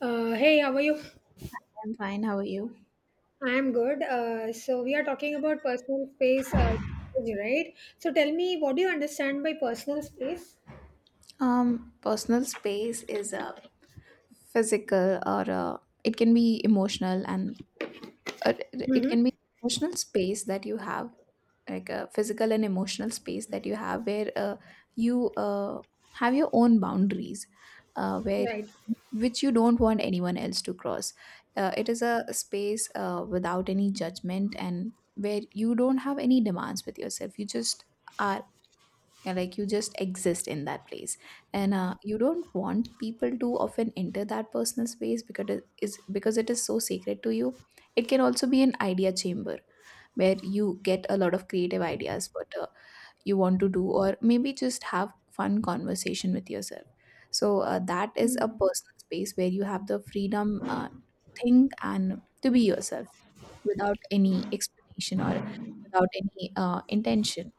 Hey, how are you? I'm fine. How are you? I am good. So we are talking about personal space, right? So tell me, what do you understand by personal space? Personal space is a physical it can be emotional and it Hmm. can be emotional space that you have, like a physical and emotional space that you have where you have your own boundaries, where Right, which you don't want anyone else to cross. It is a space without any judgment and where you don't have any demands with yourself. You just are. Yeah, like you just exist in that place, and you don't want people to often enter that personal space, because it is so sacred to you. It can also be an idea chamber where you get a lot of creative ideas what you want to do, or maybe just have fun conversation with yourself. So that is a personal space where you have the freedom think and to be yourself, without any explanation, or without any intention,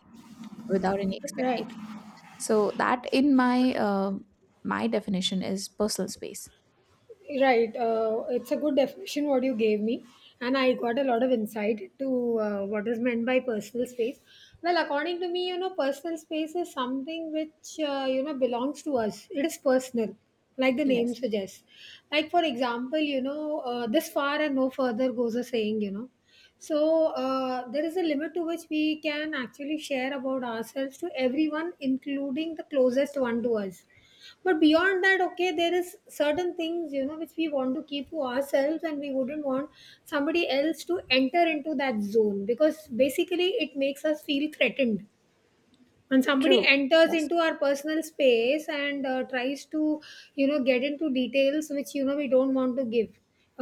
without any right. expectation. So that, in my definition, is personal space. Right. It's a good definition what you gave me, and I got a lot of insight to what is meant by personal space. Well, according to me, you know, personal space is something which you know belongs to us. It is personal, like the name Yes. suggests. Like for example, you know, this far and no further goes a saying. You know, so there is a limit to which we can actually share about ourselves to everyone, including the closest one to us. But beyond that, okay, there is certain things you know which we want to keep to ourselves, and we wouldn't want somebody else to enter into that zone because basically it makes us feel threatened when somebody True. enters Yes. into our personal space and tries to you know get into details which you know we don't want to give,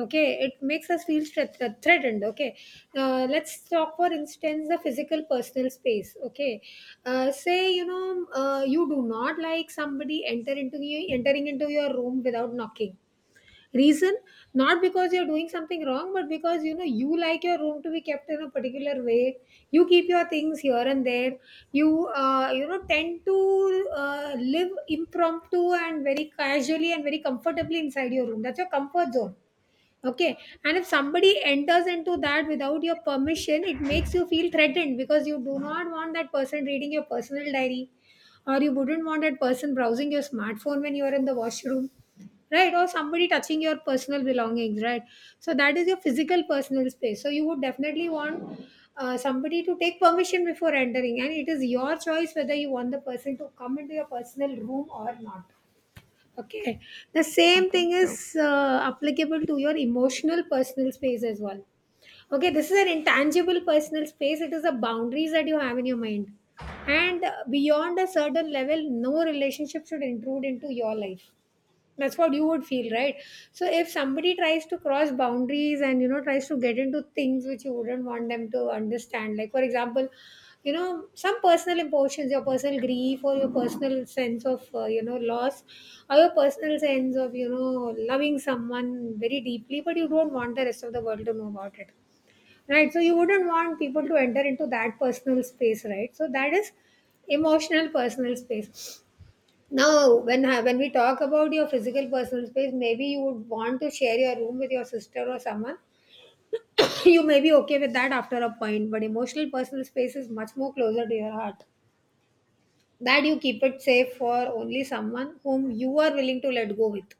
okay. It makes us feel threatened, okay. Let's talk for instance the physical personal space, okay. Say you know you do not like somebody entering into your room without knocking. Reason, not because you're doing something wrong, but because you know you like your room to be kept in a particular way. You keep your things here and there. You you know tend to live impromptu and very casually and very comfortably inside your room. That's your comfort zone. Okay. And if somebody enters into that without your permission, it makes you feel threatened because you do not want that person reading your personal diary, or you wouldn't want that person browsing your smartphone when you are in the washroom. Right, or somebody touching your personal belongings, right? So that is your physical personal space. So you would definitely want somebody to take permission before entering, and it is your choice whether you want the person to come into your personal room or not. Okay. The same thing True. is applicable to your emotional personal space as well. Okay, this is an intangible personal space. It is the boundaries that you have in your mind. And beyond a certain level, no relationship should intrude into your life. That's what you would feel, right? So if somebody tries to cross boundaries and you know tries to get into things which you wouldn't want them to understand, like for example, you know, some personal emotions, your personal grief, or your personal sense of you know loss, or your personal sense of you know loving someone very deeply but you don't want the rest of the world to know about it, right? So you wouldn't want people to enter into that personal space, right? So that is emotional personal space. Now, when we talk about your physical personal space, maybe you would want to share your room with your sister or someone. You may be okay with that after a point, but emotional personal space is much more closer to your heart. That you keep it safe for only someone whom you are willing to let go with.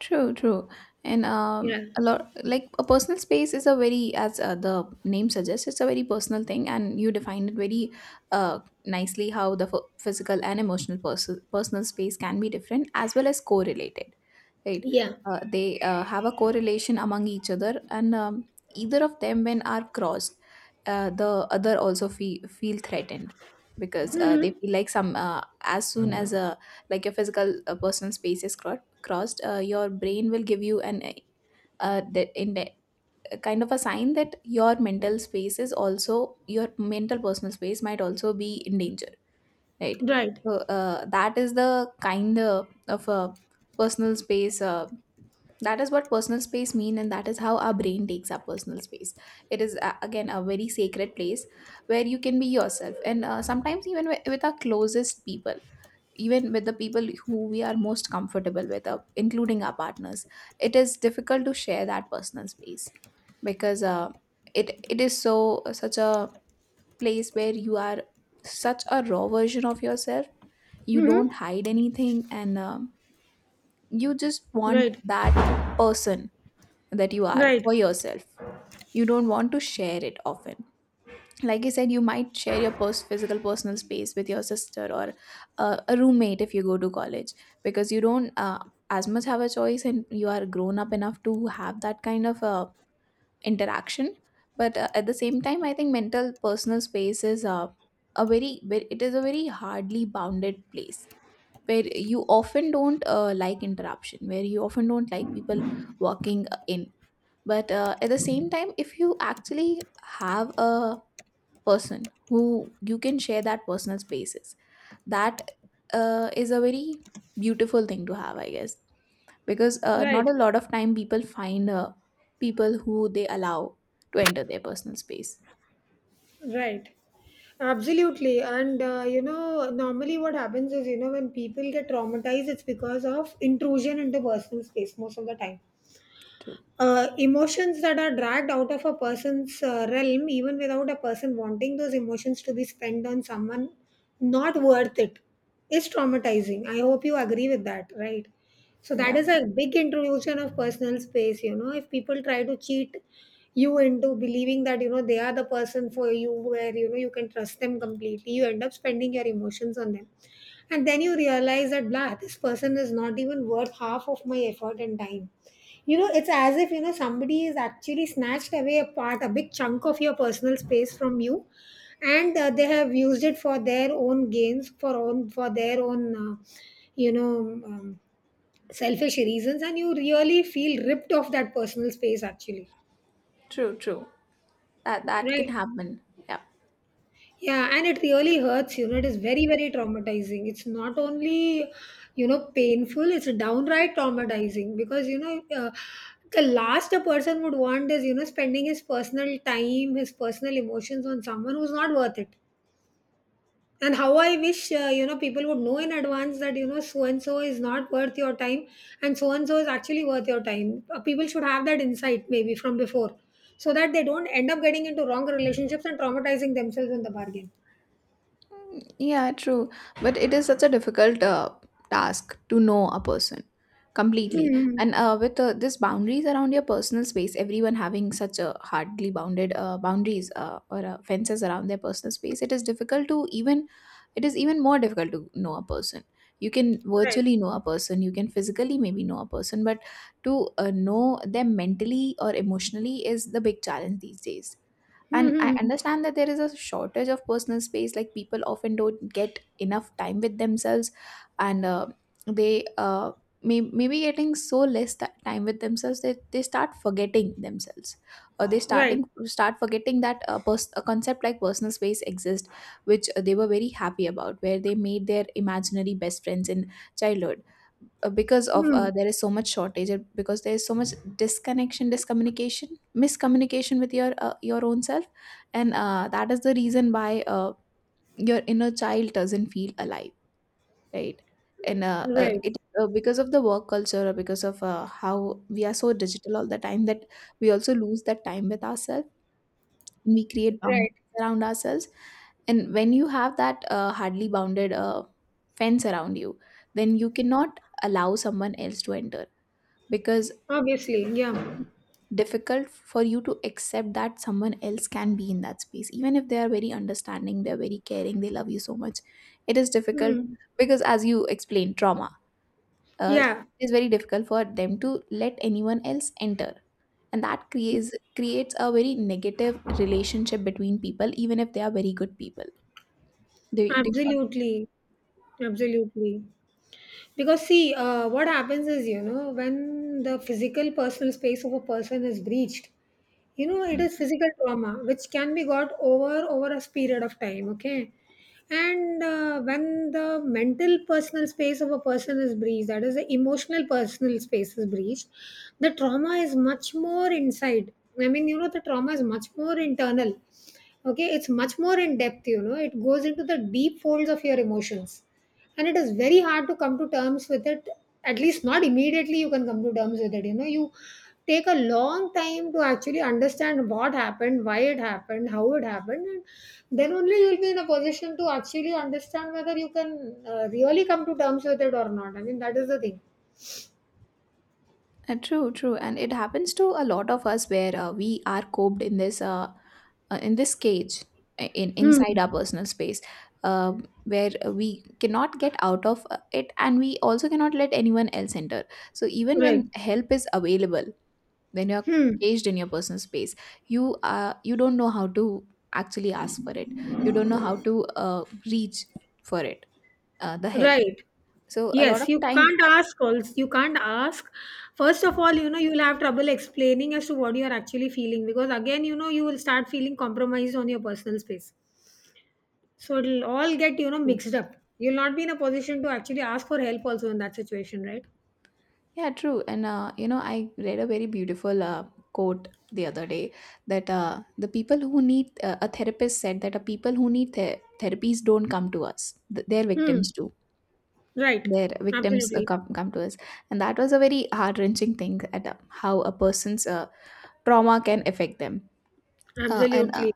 True, true. And Yeah. a lot like a personal space is a very, as the name suggests, it's a very personal thing, and you defined it very uh, nicely how the physical and emotional personal space can be different as well as correlated, right? Yeah. They have a correlation among each other, and either of them, when are crossed, the other also feel threatened, because they Mm-hmm. feel like some as soon as a like your physical personal space is crossed, your brain will give you an the, in the, kind of a sign that your mental space is also your mental personal space might also be in danger, right? Right. So that is the kind of a personal space. That is what personal space mean, and that is how our brain takes up personal space. It is again a very sacred place where you can be yourself, and sometimes even with our closest people, even with the people who we are most comfortable with, including our partners, it is difficult to share that personal space, because it is such a place where you are such a raw version of yourself. You Mm-hmm. don't hide anything, and you just want Right. that person that you are for Right. yourself. You don't want to share it often, like you said you might share your physical personal space with your sister or a roommate if you go to college, because you don't as much have a choice, and you are grown up enough to have that kind of interaction. But at the same time I think mental personal space is it is a very hardly bounded place, where you often don't like interruption, where you often don't like people walking in. But at the same time, if you actually have a person who you can share that personal spaces, that is a very beautiful thing to have, I guess, because not Right. a lot of time people find people who they allow to enter their personal space. Right. Absolutely. And you know, normally what happens is, you know, when people get traumatized, it's because of intrusion into personal space most of the time. True. Emotions that are dragged out of a person's realm, even without a person wanting those emotions to be spent on someone not worth it, is traumatizing. I hope you agree with that, right? So that Yeah, is a big intrusion of personal space, you know. If people try to cheat you into believing that you know they are the person for you, where you know you can trust them completely, you end up spending your emotions on them, and then you realize that blah, this person is not even worth half of my effort and time. You know, it's as if, you know, somebody is actually snatched away a part, a big chunk of your personal space from you. And they have used it for their own gains, for their own, you know, um, selfish reasons. And you really feel ripped off that personal space actually. true, true. That can Right. happen. Yeah. Yeah, and it really hurts, you know. It is very, very traumatizing. It's not only, you know, painful, it's downright traumatizing because, you know, the last a person would want is, you know, spending his personal time, his personal emotions on someone who's not worth it. And how I wish, you know, people would know in advance that, you know, so and so is not worth your time and so is actually worth your time. People should have that insight maybe from before, so that they don't end up getting into wrong relationships and traumatizing themselves in the bargain. Yeah, true. But it is such a difficult task to know a person completely. Hmm. And with this boundaries around your personal space, everyone having such a hardly bounded boundaries or fences around their personal space, it is even more difficult to know a person. You can Right. virtually know a person, you can physically maybe know a person, but to know them mentally or emotionally is the big challenge these days. Hmm. And I Hmm, hmm. understand that there is a shortage of personal space, like people often don't get enough time with themselves, and they maybe getting so less time with themselves that they start forgetting themselves, or they Right. starting start forgetting that a concept like personal space exists, which they were very happy about, where they made their imaginary best friends in childhood, because of Hmm. There is so much shortage, and because there is so much disconnection, discommunication, miscommunication with your own self, and that is the reason why your inner child doesn't feel alive, right? And Right. it because of the work culture, or because of how we are so digital all the time, that we also lose that time with ourselves, and we create boundaries Right. around ourselves. And when you have that hardly bounded fence around you, then you cannot allow someone else to enter, because it Obviously. is Yeah. very difficult for you to accept that someone else can be in that space, even if they are very understanding, they're very caring, they love you so much. It is difficult, Hmm. because as you explained trauma, uh, Yeah. it is very difficult for them to let anyone else enter, and that creates a very negative relationship between people, even if they are very good people. Do Absolutely. Absolutely. Because see, what happens is, you know, when the physical personal space of a person is breached, you know it you. is physical trauma which can be got over over a period of time, okay. And when the mental personal space of a person is breached, that is the emotional personal space is breached, the trauma is much more inside. I mean, you know, the trauma is much more internal, okay. It's much more in depth, you know. It goes into the deep folds of your emotions, and it is very hard to come to terms with it. At least not immediately you can come to terms with it, you know. You take a long time to actually understand what happened, why it happened, how it happened, and then only you'll be in a position to actually understand whether you can really come to terms with it or not. I mean, that is the thing. True, true, and it happens to a lot of us, where we are coped in this cage, I- in inside Hmm. our personal space, uh, where we cannot get out of it, and we also cannot let anyone else enter. So even Right. when help is available, when you're Hmm. caged in your personal space, you don't know how to actually ask for it. You don't know how to reach for it, the help. Right. So a lot Yes, of you time. can't ask also. You can't ask. First of all, you know, you'll have trouble explaining as to what you're actually feeling because, again, you know, you will start feeling compromised on your personal space. So it'll all get, you know, mixed up. You'll not be in a position to actually ask for help also in that situation, right? Yeah, true. And I read a very beautiful quote the other day, that the people who need a therapist said that people who need the therapies don't come to us; their Hmm. victims do. Right. Their victims Absolutely. come to us, and that was a very heart wrenching thing at how a person's trauma can affect them, uh, and uh, Absolutely.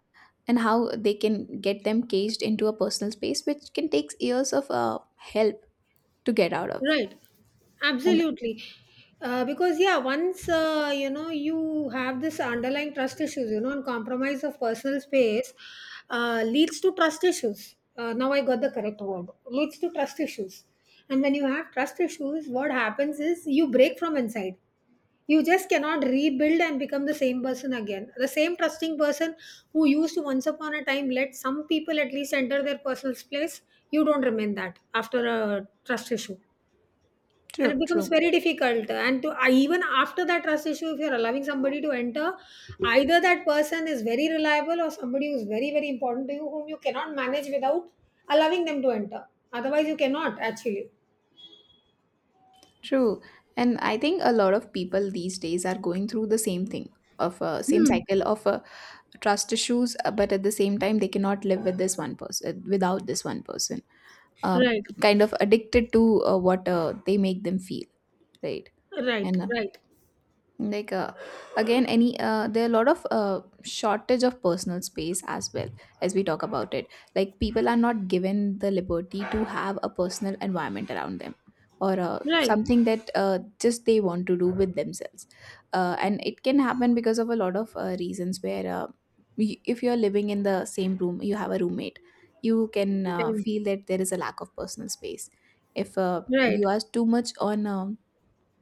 and how they can get them caged into a personal space, which can take years of help to get out of. Right, And absolutely. Because yeah, once you know you have this underlying trust issues, you know, and compromise of personal space leads to trust issues. Now I got the correct word. Leads to trust issues, and when you have trust issues, what happens is you break from inside. You just cannot rebuild and become the same person again. The same trusting person who used to once upon a time let some people at least enter their personal space. You don't remain that after a trust issue, and it true, becomes true. very difficult. And even after that trust issue, if you're allowing somebody to enter, either that person is very reliable or somebody who's very, very important to you, whom you cannot manage without allowing them to enter. Otherwise, you cannot actually. True. And I think a lot of people these days are going through the same thing of a same Hmm. cycle of a trust issues, but at the same time, they cannot live with this one person, without this one person. Um, Right. Kind of addicted to what they make them feel, right? Right. And Right. like again any there are a lot of shortage of personal space as well, as we talk about it. Like people are not given the liberty to have a personal environment around them, or Right. something that just they want to do with themselves. And it can happen because of a lot of reasons, where if you're living in the same room, you have a roommate, you can Right. feel that there is a lack of personal space. If you Right. are too much on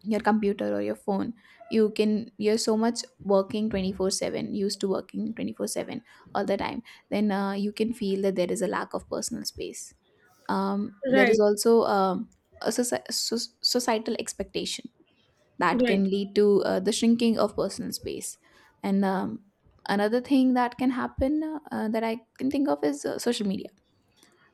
your computer or your phone, you're so much working 24/7, used to working 24/7 all the time, then you can feel that there is a lack of personal space. There is Right. also a societal expectation that can Right. lead to the shrinking of personal space. And another thing that can happen, that I can think of, is social media.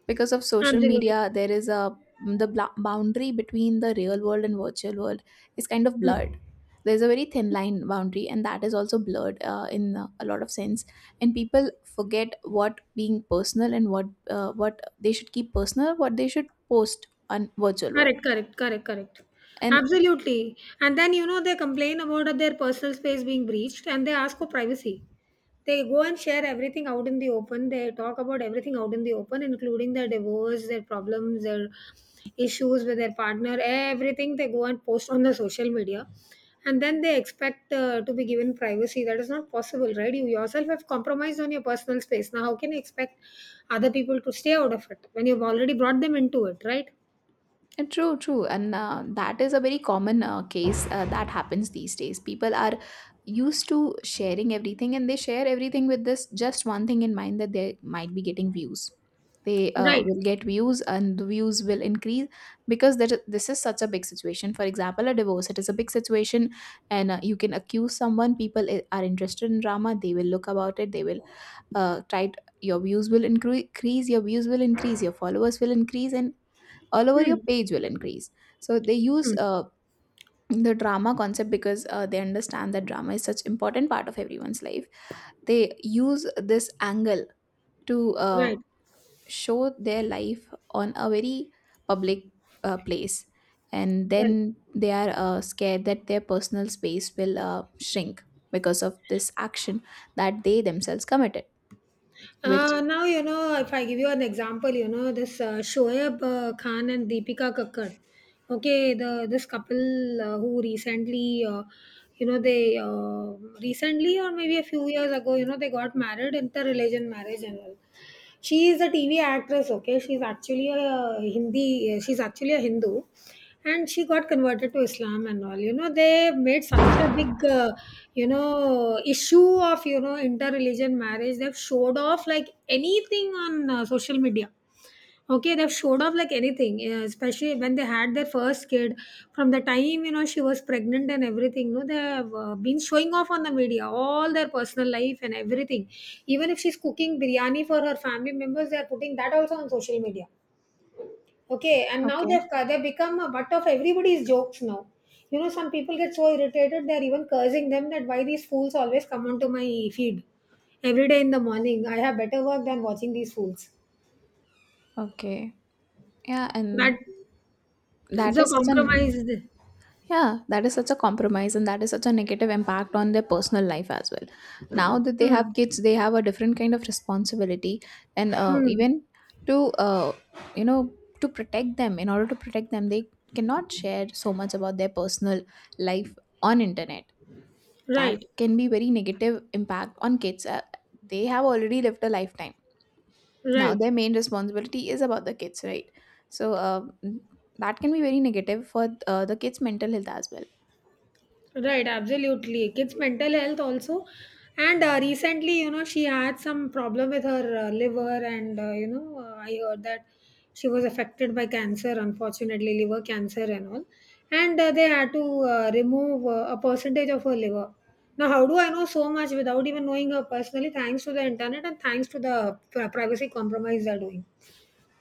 Because of social Absolutely. media, there is boundary between the real world and virtual world is kind of blurred. There's a very thin line boundary, and that is also blurred in a lot of sense. And people forget what being personal and what they should keep personal, what they should post on virtual world. Correct, correct, correct, correct. And Absolutely. And then, you know, they complain about their personal space being breached and they ask for privacy. They go and share everything out in the open. They talk about everything out in the open, including their divorce, their problems, their issues with their partner, everything they go and post on the social media. And then they expect to be given privacy. That is not possible, right? You yourself have compromised on your personal space. Now, how can you expect other people to stay out of it when you've already brought them into it, right? True, true. And that is a very common case that happens these days. People are used to sharing everything, and they share everything with this just one thing in mind, that they might be getting views. They Right. will get views, and the views will increase, because there, this is such a big situation. For example, a divorce, it is a big situation, and you can accuse someone. People are interested in drama. They will look about it. They will try, t- Your views will increase, your views will increase, your followers will increase, and all over your Hmm. page will increase. So they use Mm. The drama concept because they understand that drama is such important part of everyone's life. They use this angle to Right, show their life on a very public place, and right. then they are scared that their personal space will shrink because of this action that they themselves committed, which... Now, you know, if I give you an example, you know, this Shoaib Khan and Deepika Kakkar, okay, the this couple who recently, you know, they recently or maybe a few years ago, you know, they got married, interreligion marriage and all. She is a TV actress, okay? She's actually a Hindu. And she got converted to Islam and all. You know, they made such a big, you know, issue of, you know, inter-religion marriage. They've showed off like anything on social media. Okay, they've showed off like anything, yeah, especially when they had their first kid. From the time you know she was pregnant and everything, no, they have been showing off on the media all their personal life and everything. Even if she's cooking biryani for her family members, they are putting that also on social media. Okay, and now Okay. they become a butt of everybody's jokes now. You know, some people get so irritated they're even cursing them that why these fools always come onto my feed every day in the morning. I have better work than watching these fools. Okay. Yeah, That and That's that a is such an... compromise. Yeah, that is such a compromise, and that is such a negative impact on their personal life as well. Now that they Hmm. have kids, they have a different kind of responsibility, and Hmm. even to you know to protect them, in order to protect them, they cannot share so much about their personal life on internet. That Right. can be very negative impact on kids. They have already lived a lifetime. Now Right. their main responsibility is about the kids, right? So that can be very negative for the kids' mental health as well. Right. Absolutely. Kids' mental health also. And recently, you know, she had some problem with her liver, and I heard that she was affected by cancer, unfortunately, liver cancer and all. And they had to remove a percentage of her liver. Now, how do I know so much without even knowing her personally? Thanks to the internet and thanks to the privacy compromise they're doing.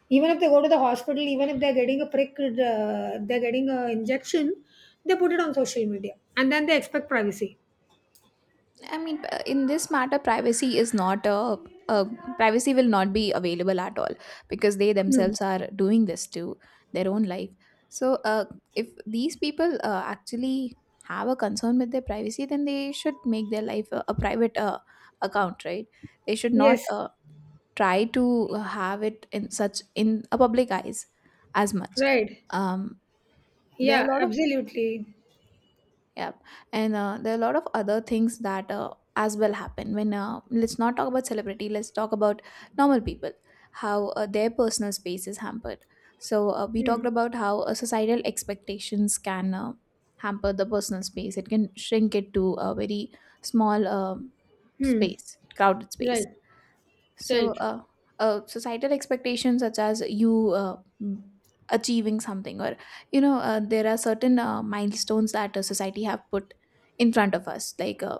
Even if they go to the hospital, even if they're getting a prick, they're getting a injection, they put it on social media and then they expect privacy. I mean, in this matter, privacy is not a, a privacy will not be available at all, because they Hmm. themselves are doing this to their own life. So, if these people actually have a concern with their privacy, then they should make their life a private account, right? They should not Yes, try to have it in such in a public eyes as much. right. Um, there are Yeah, a lot of... absolutely. yeah. And there are a lot of other things that as well happen when let's not talk about celebrity, let's talk about normal people, how their personal space is hampered. So we Hmm. talked about how societal expectations can hamper the personal space. It can shrink it to a very small Hmm. space, crowded space. Right, So, right. Societal expectations such as you achieving something, or you know, there are certain milestones that society have put in front of us, like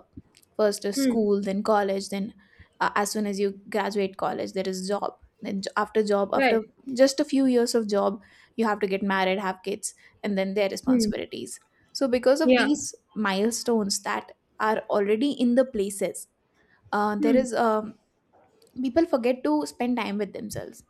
first is Hmm. school, then college, then as soon as you graduate college, there is job. Then after job, after Right. just a few years of job, you have to get married, have kids, and then their Hmm. responsibilities. So, because of Yeah. these milestones that are already in the places, there Hmm. is people forget to spend time with themselves.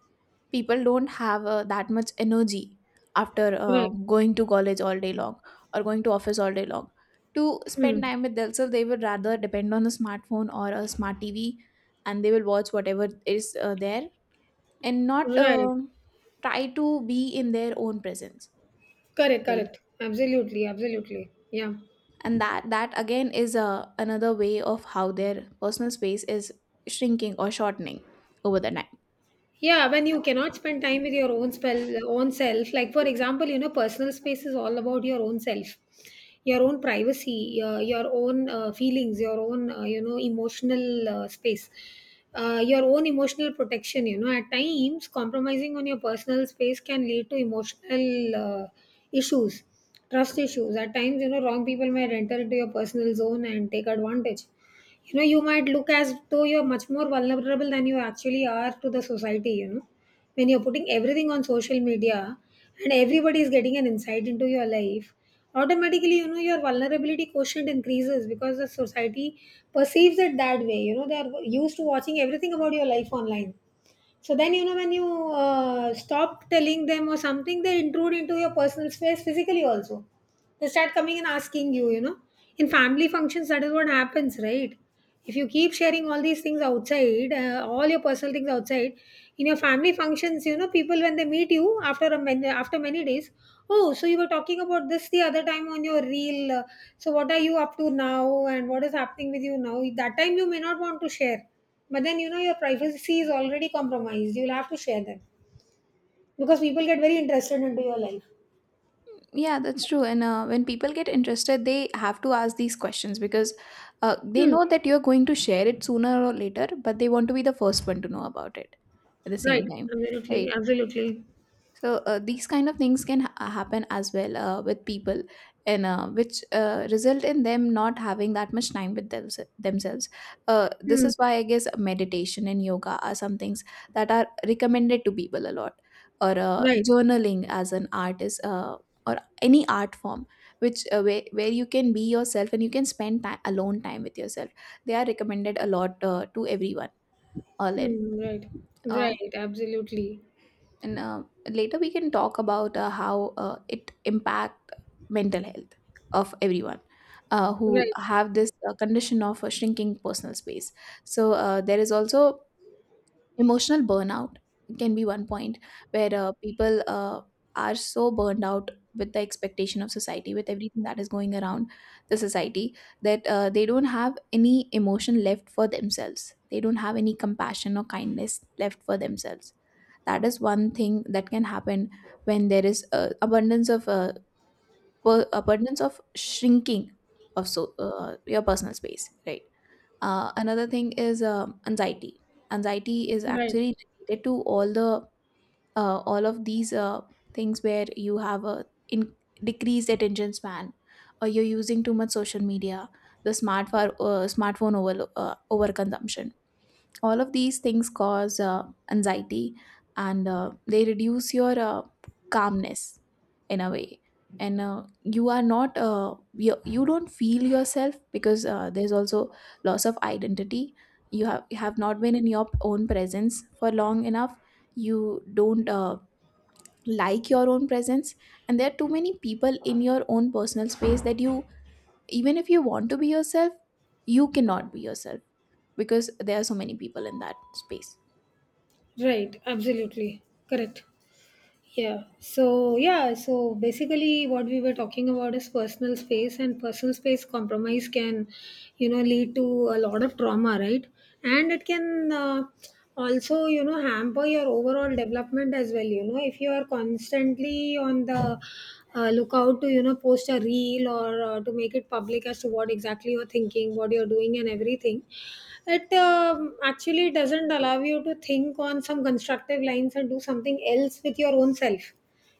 People don't have that much energy after Right. going to college all day long or going to office all day long. To spend Hmm. time with themselves, they would rather depend on a smartphone or a smart tv, and they will watch whatever is there and not Right. Try to be in their own presence, Correct, right? correct. Absolutely, absolutely. Yeah. And that again is another way of how their personal space is shrinking or shortening over the time. Yeah, when you cannot spend time with your own self, like for example, you know, personal space is all about your own self, your own privacy, your own feelings, your own emotional space, your own emotional protection. You know, at times compromising on your personal space can lead to emotional issues, trust issues at times. You know, wrong people might enter into your personal zone and take advantage. You know, you might look as though you're much more vulnerable than you actually are to the society. You know, when you're putting everything on social media and everybody is getting an insight into your life, automatically, you know, your vulnerability quotient increases because the society perceives it that way. You know, they are used to watching everything about your life online. So then, you know, when you stop telling them or something, they intrude into your personal space physically also. They start coming and asking you, you know. In family functions, that is what happens, right? If you keep sharing all these things outside, all your personal things outside, in your family functions, you know, people when they meet you after many days, oh, so you were talking about this the other time on your reel. So what are you up to now, and what is happening with you now? That time you may not want to share, but then you know your privacy is already compromised. You'll have to share them because people get very interested into your life. Yeah, that's true. And when people get interested, they have to ask these questions because they Hmm. know that you're going to share it sooner or later, but they want to be the first one to know about it at the Right. same time, Absolutely. right? Absolutely. So these kind of things can happen as well with people, and which result in them not having that much time with themselves. This Hmm. is why I guess meditation and yoga are some things that are recommended to people a lot, or Right. journaling as an art is, or any art form which where you can be yourself and you can spend time, alone time with yourself. They are recommended a lot to everyone, all in. Hmm, right. Uh, Right, absolutely. and Later we can talk about how it impact mental health of everyone who Right. have this condition of shrinking personal space. So there is also emotional burnout can be one point where people are so burned out with the expectation of society, with everything that is going around the society, that they don't have any emotion left for themselves, they don't have any compassion or kindness left for themselves. That is one thing that can happen when there is abundance of abundance of shrinking of so your personal space, right? Another thing is anxiety. Anxiety is Right. actually related to all the all of these things where you have a decreased attention span, or you're using too much social media, the smartphone over overconsumption. All of these things cause anxiety, and they reduce your calmness in a way. And you are not you don't feel yourself because there's also loss of identity. You have not been in your own presence for long enough. You don't like your own presence, and there are too many people in your own personal space that you, even if you want to be yourself, you cannot be yourself because there are so many people in that space. Right, absolutely. Correct. Yeah. So, yeah. So, basically, what we were talking about is personal space, and personal space compromise can, you know, lead to a lot of trauma, right? And it can also, you know, hamper your overall development as well. You know, if you are constantly on the lookout to, you know, post a reel or to make it public as to what exactly you're thinking, what you're doing, and everything, it actually doesn't allow you to think on some constructive lines and do something else with your own self.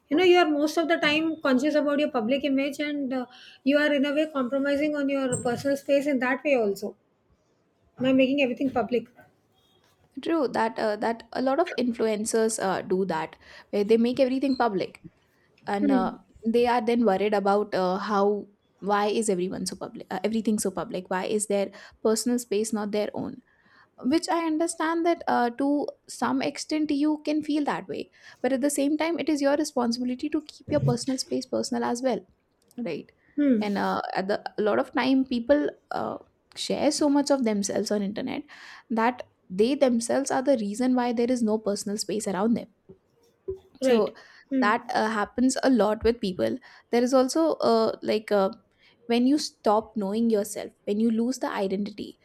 You know, you are most of the time conscious about your public image, and you are in a way compromising on your personal space in that way also, by making everything public. True that that a lot of influencers do that where they make everything public, and they are then worried about how, why is everyone so public, everything so public, why is their personal space not their own, which I understand that to some extent you can feel that way. But at the same time, it is your responsibility to keep your personal space personal as well, right? Hmm. And at the a lot of time, people share so much of themselves on internet that they themselves are the reason why there is no personal space around them. So Right. Hmm. that happens a lot with people. There is also when you stop knowing yourself, when you lose the identity,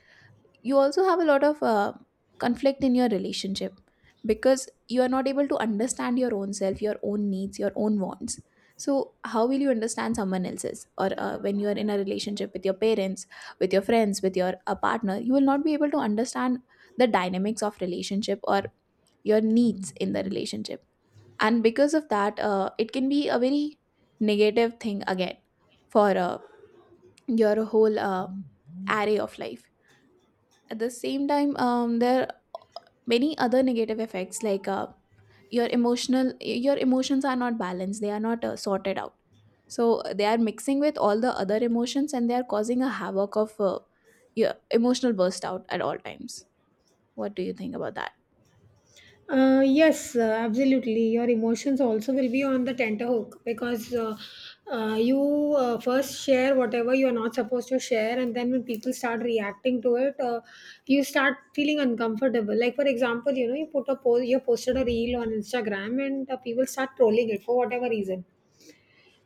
you also have a lot of conflict in your relationship because you are not able to understand your own self, your own needs, your own wants. So how will you understand someone else's? Or when you are in a relationship with your parents, with your friends, with your a partner, you will not be able to understand the dynamics of relationship or your needs in the relationship. And because of that, it can be a very negative thing again for your whole array of life. At the same time, there are many other negative effects, like your emotional, your emotions are not balanced, they are not sorted out, so they are mixing with all the other emotions and they are causing a havoc of your emotional burst out at all times. What do you think about that? Yes, absolutely. Your emotions also will be on the tenterhook because you first share whatever you are not supposed to share, and then when people start reacting to it, you start feeling uncomfortable. Like for example, you know, you put a post, you posted a reel on Instagram, and people start trolling it for whatever reason,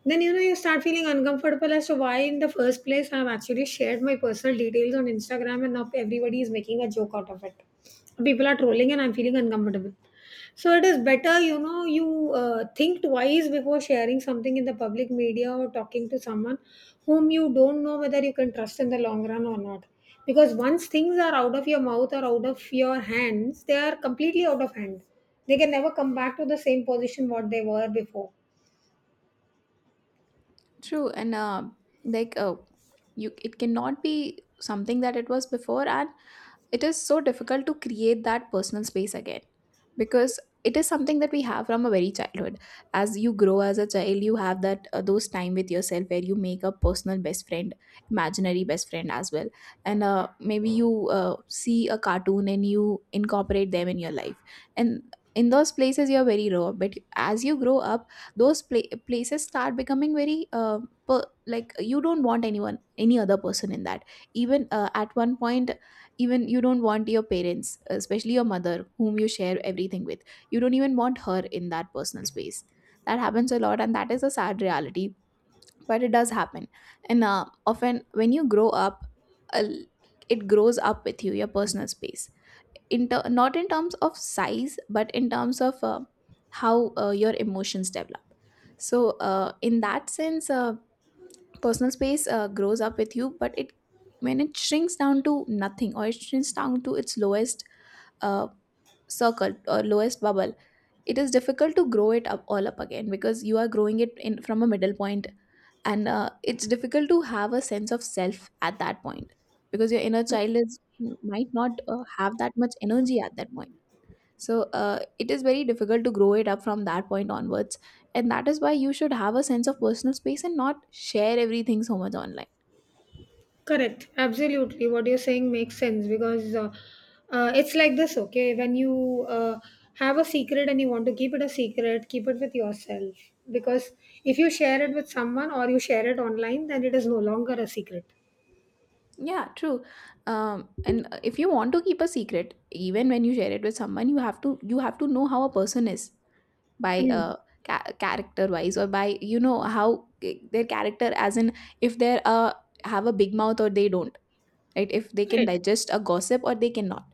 then you know you start feeling uncomfortable as to why in the first place I've actually shared my personal details on Instagram, and now everybody is making a joke out of it. People are trolling and I'm feeling uncomfortable. So it is better, you know, you think twice before sharing something in the public media or talking to someone whom you don't know whether you can trust in the long run or not. Because once things are out of your mouth or out of your hands, they are completely out of hand. They can never come back to the same position what they were before. True, and like uh, you, it cannot be something that it was before, and it is so difficult to create that personal space again because it is something that we have from a very childhood. As you grow as a child, you have that those time with yourself where you make a personal best friend, imaginary best friend as well. And maybe you see a cartoon and you incorporate them in your life. And in those places, you're very raw, but as you grow up, those places start becoming very like you don't want anyone, any other person in that. Even at one point, even you don't want your parents, especially your mother whom you share everything with, you don't even want her in that personal space. That happens a lot, and that is a sad reality, but it does happen. And often when you grow up, uh, it grows up with you, your personal space, in not in terms of size but in terms of how your emotions develop. So in that sense, personal space grows up with you. But it, when it shrinks down to nothing, or it shrinks down to its lowest uh, circle or lowest bubble, it is difficult to grow it up all up again because you are growing it in from a middle point. And it's difficult to have a sense of self at that point because your inner child is might not have that much energy at that point. So it is very difficult to grow it up from that point onwards. And that is why you should have a sense of personal space and not share everything so much online. Correct. Absolutely. What you're saying makes sense because it's like this, okay? When you have a secret and you want to keep it a secret, keep it with yourself. Because if you share it with someone or you share it online, then it is no longer a secret. Yeah, true. And If you want to keep a secret, even when you share it with someone, you have to know how a person is by Mm. Character wise, or by, you know, how their character, as in, if they're have a big mouth or they don't, right? If they can Right. digest a gossip or they cannot.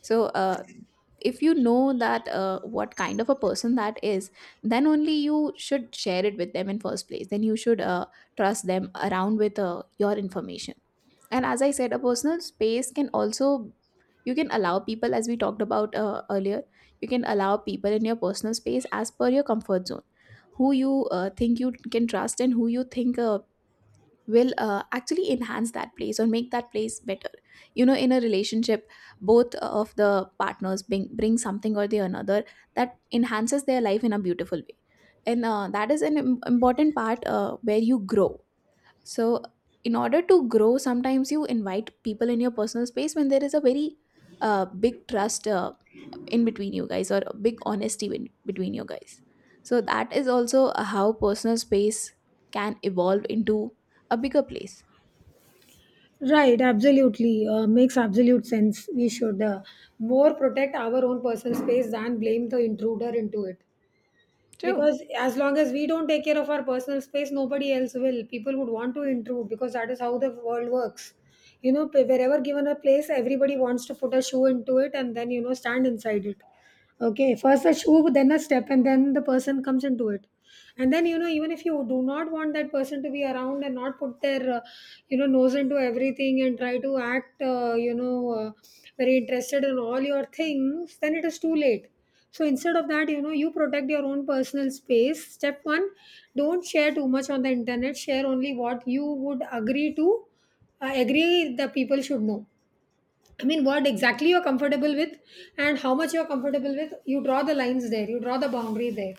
So if you know that what kind of a person that is, then only you should share it with them in first place. Then you should trust them around with your information. And as I said, a personal space can also, you can allow people, as we talked about earlier, you can allow people in your personal space as per your comfort zone, who you think you can trust and who you think will actually enhance that place or make that place better. You know, in a relationship, both of the partners bring something or the another that enhances their life in a beautiful way. And that is an important part where you grow. So, in order to grow, sometimes you invite people in your personal space when there is a very big trust in between you guys, or a big honesty in, between you guys. So, that is also how personal space can evolve into a bigger place. Right, absolutely. Makes absolute sense. We should more protect our own personal space than blame the intruder into it. True. Because as long as we don't take care of our personal space, nobody else will. People would want to intrude because that is how the world works. You know, wherever given a place, everybody wants to put a shoe into it and then, you know, stand inside it. Okay, first a shoe, then a step, and then the person comes into it. And then, you know, even if you do not want that person to be around and not put their you know, nose into everything and try to act, very interested in all your things, then it is too late. So instead of that, you know, you protect your own personal space. Step one, don't share too much on the internet. Share only what you would agree to, agree the people should know. I mean, what exactly you're comfortable with and how much you're comfortable with, you draw the lines there, you draw the boundary there.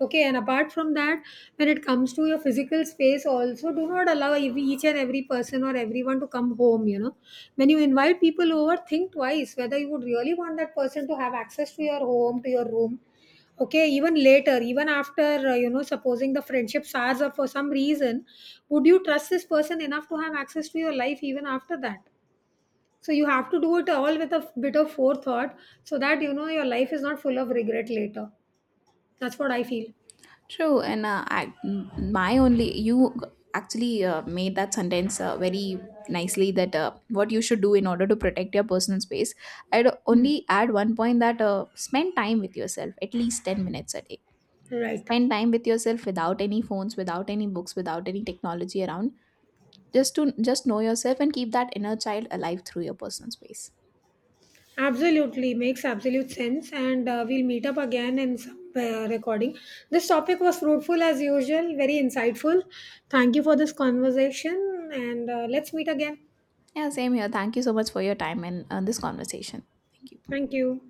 Okay, and apart from that, when it comes to your physical space, also do not allow each and every person or everyone to come home. You know, when you invite people over, think twice whether you would really want that person to have access to your home, to your room. Okay, even later, even after, you know, supposing the friendship sours up for some reason, would you trust this person enough to have access to your life even after that? So you have to do it all with a bit of forethought, so that you know your life is not full of regret later. That's what I feel. True, and my only, you actually made that sentence very nicely that what you should do in order to protect your personal space. I'd Hmm. only add one point that spend time with yourself at least 10 minutes a day. Right. Spend time with yourself without any phones, without any books, without any technology around. Just to just know yourself and keep that inner child alive through your personal space. Absolutely. Makes absolute sense. And we'll meet up again in some recording. This topic was fruitful as usual, very insightful. Thank you for this conversation. And let's meet again. Yeah, same here. Thank you so much for your time and this conversation. Thank you. Thank you.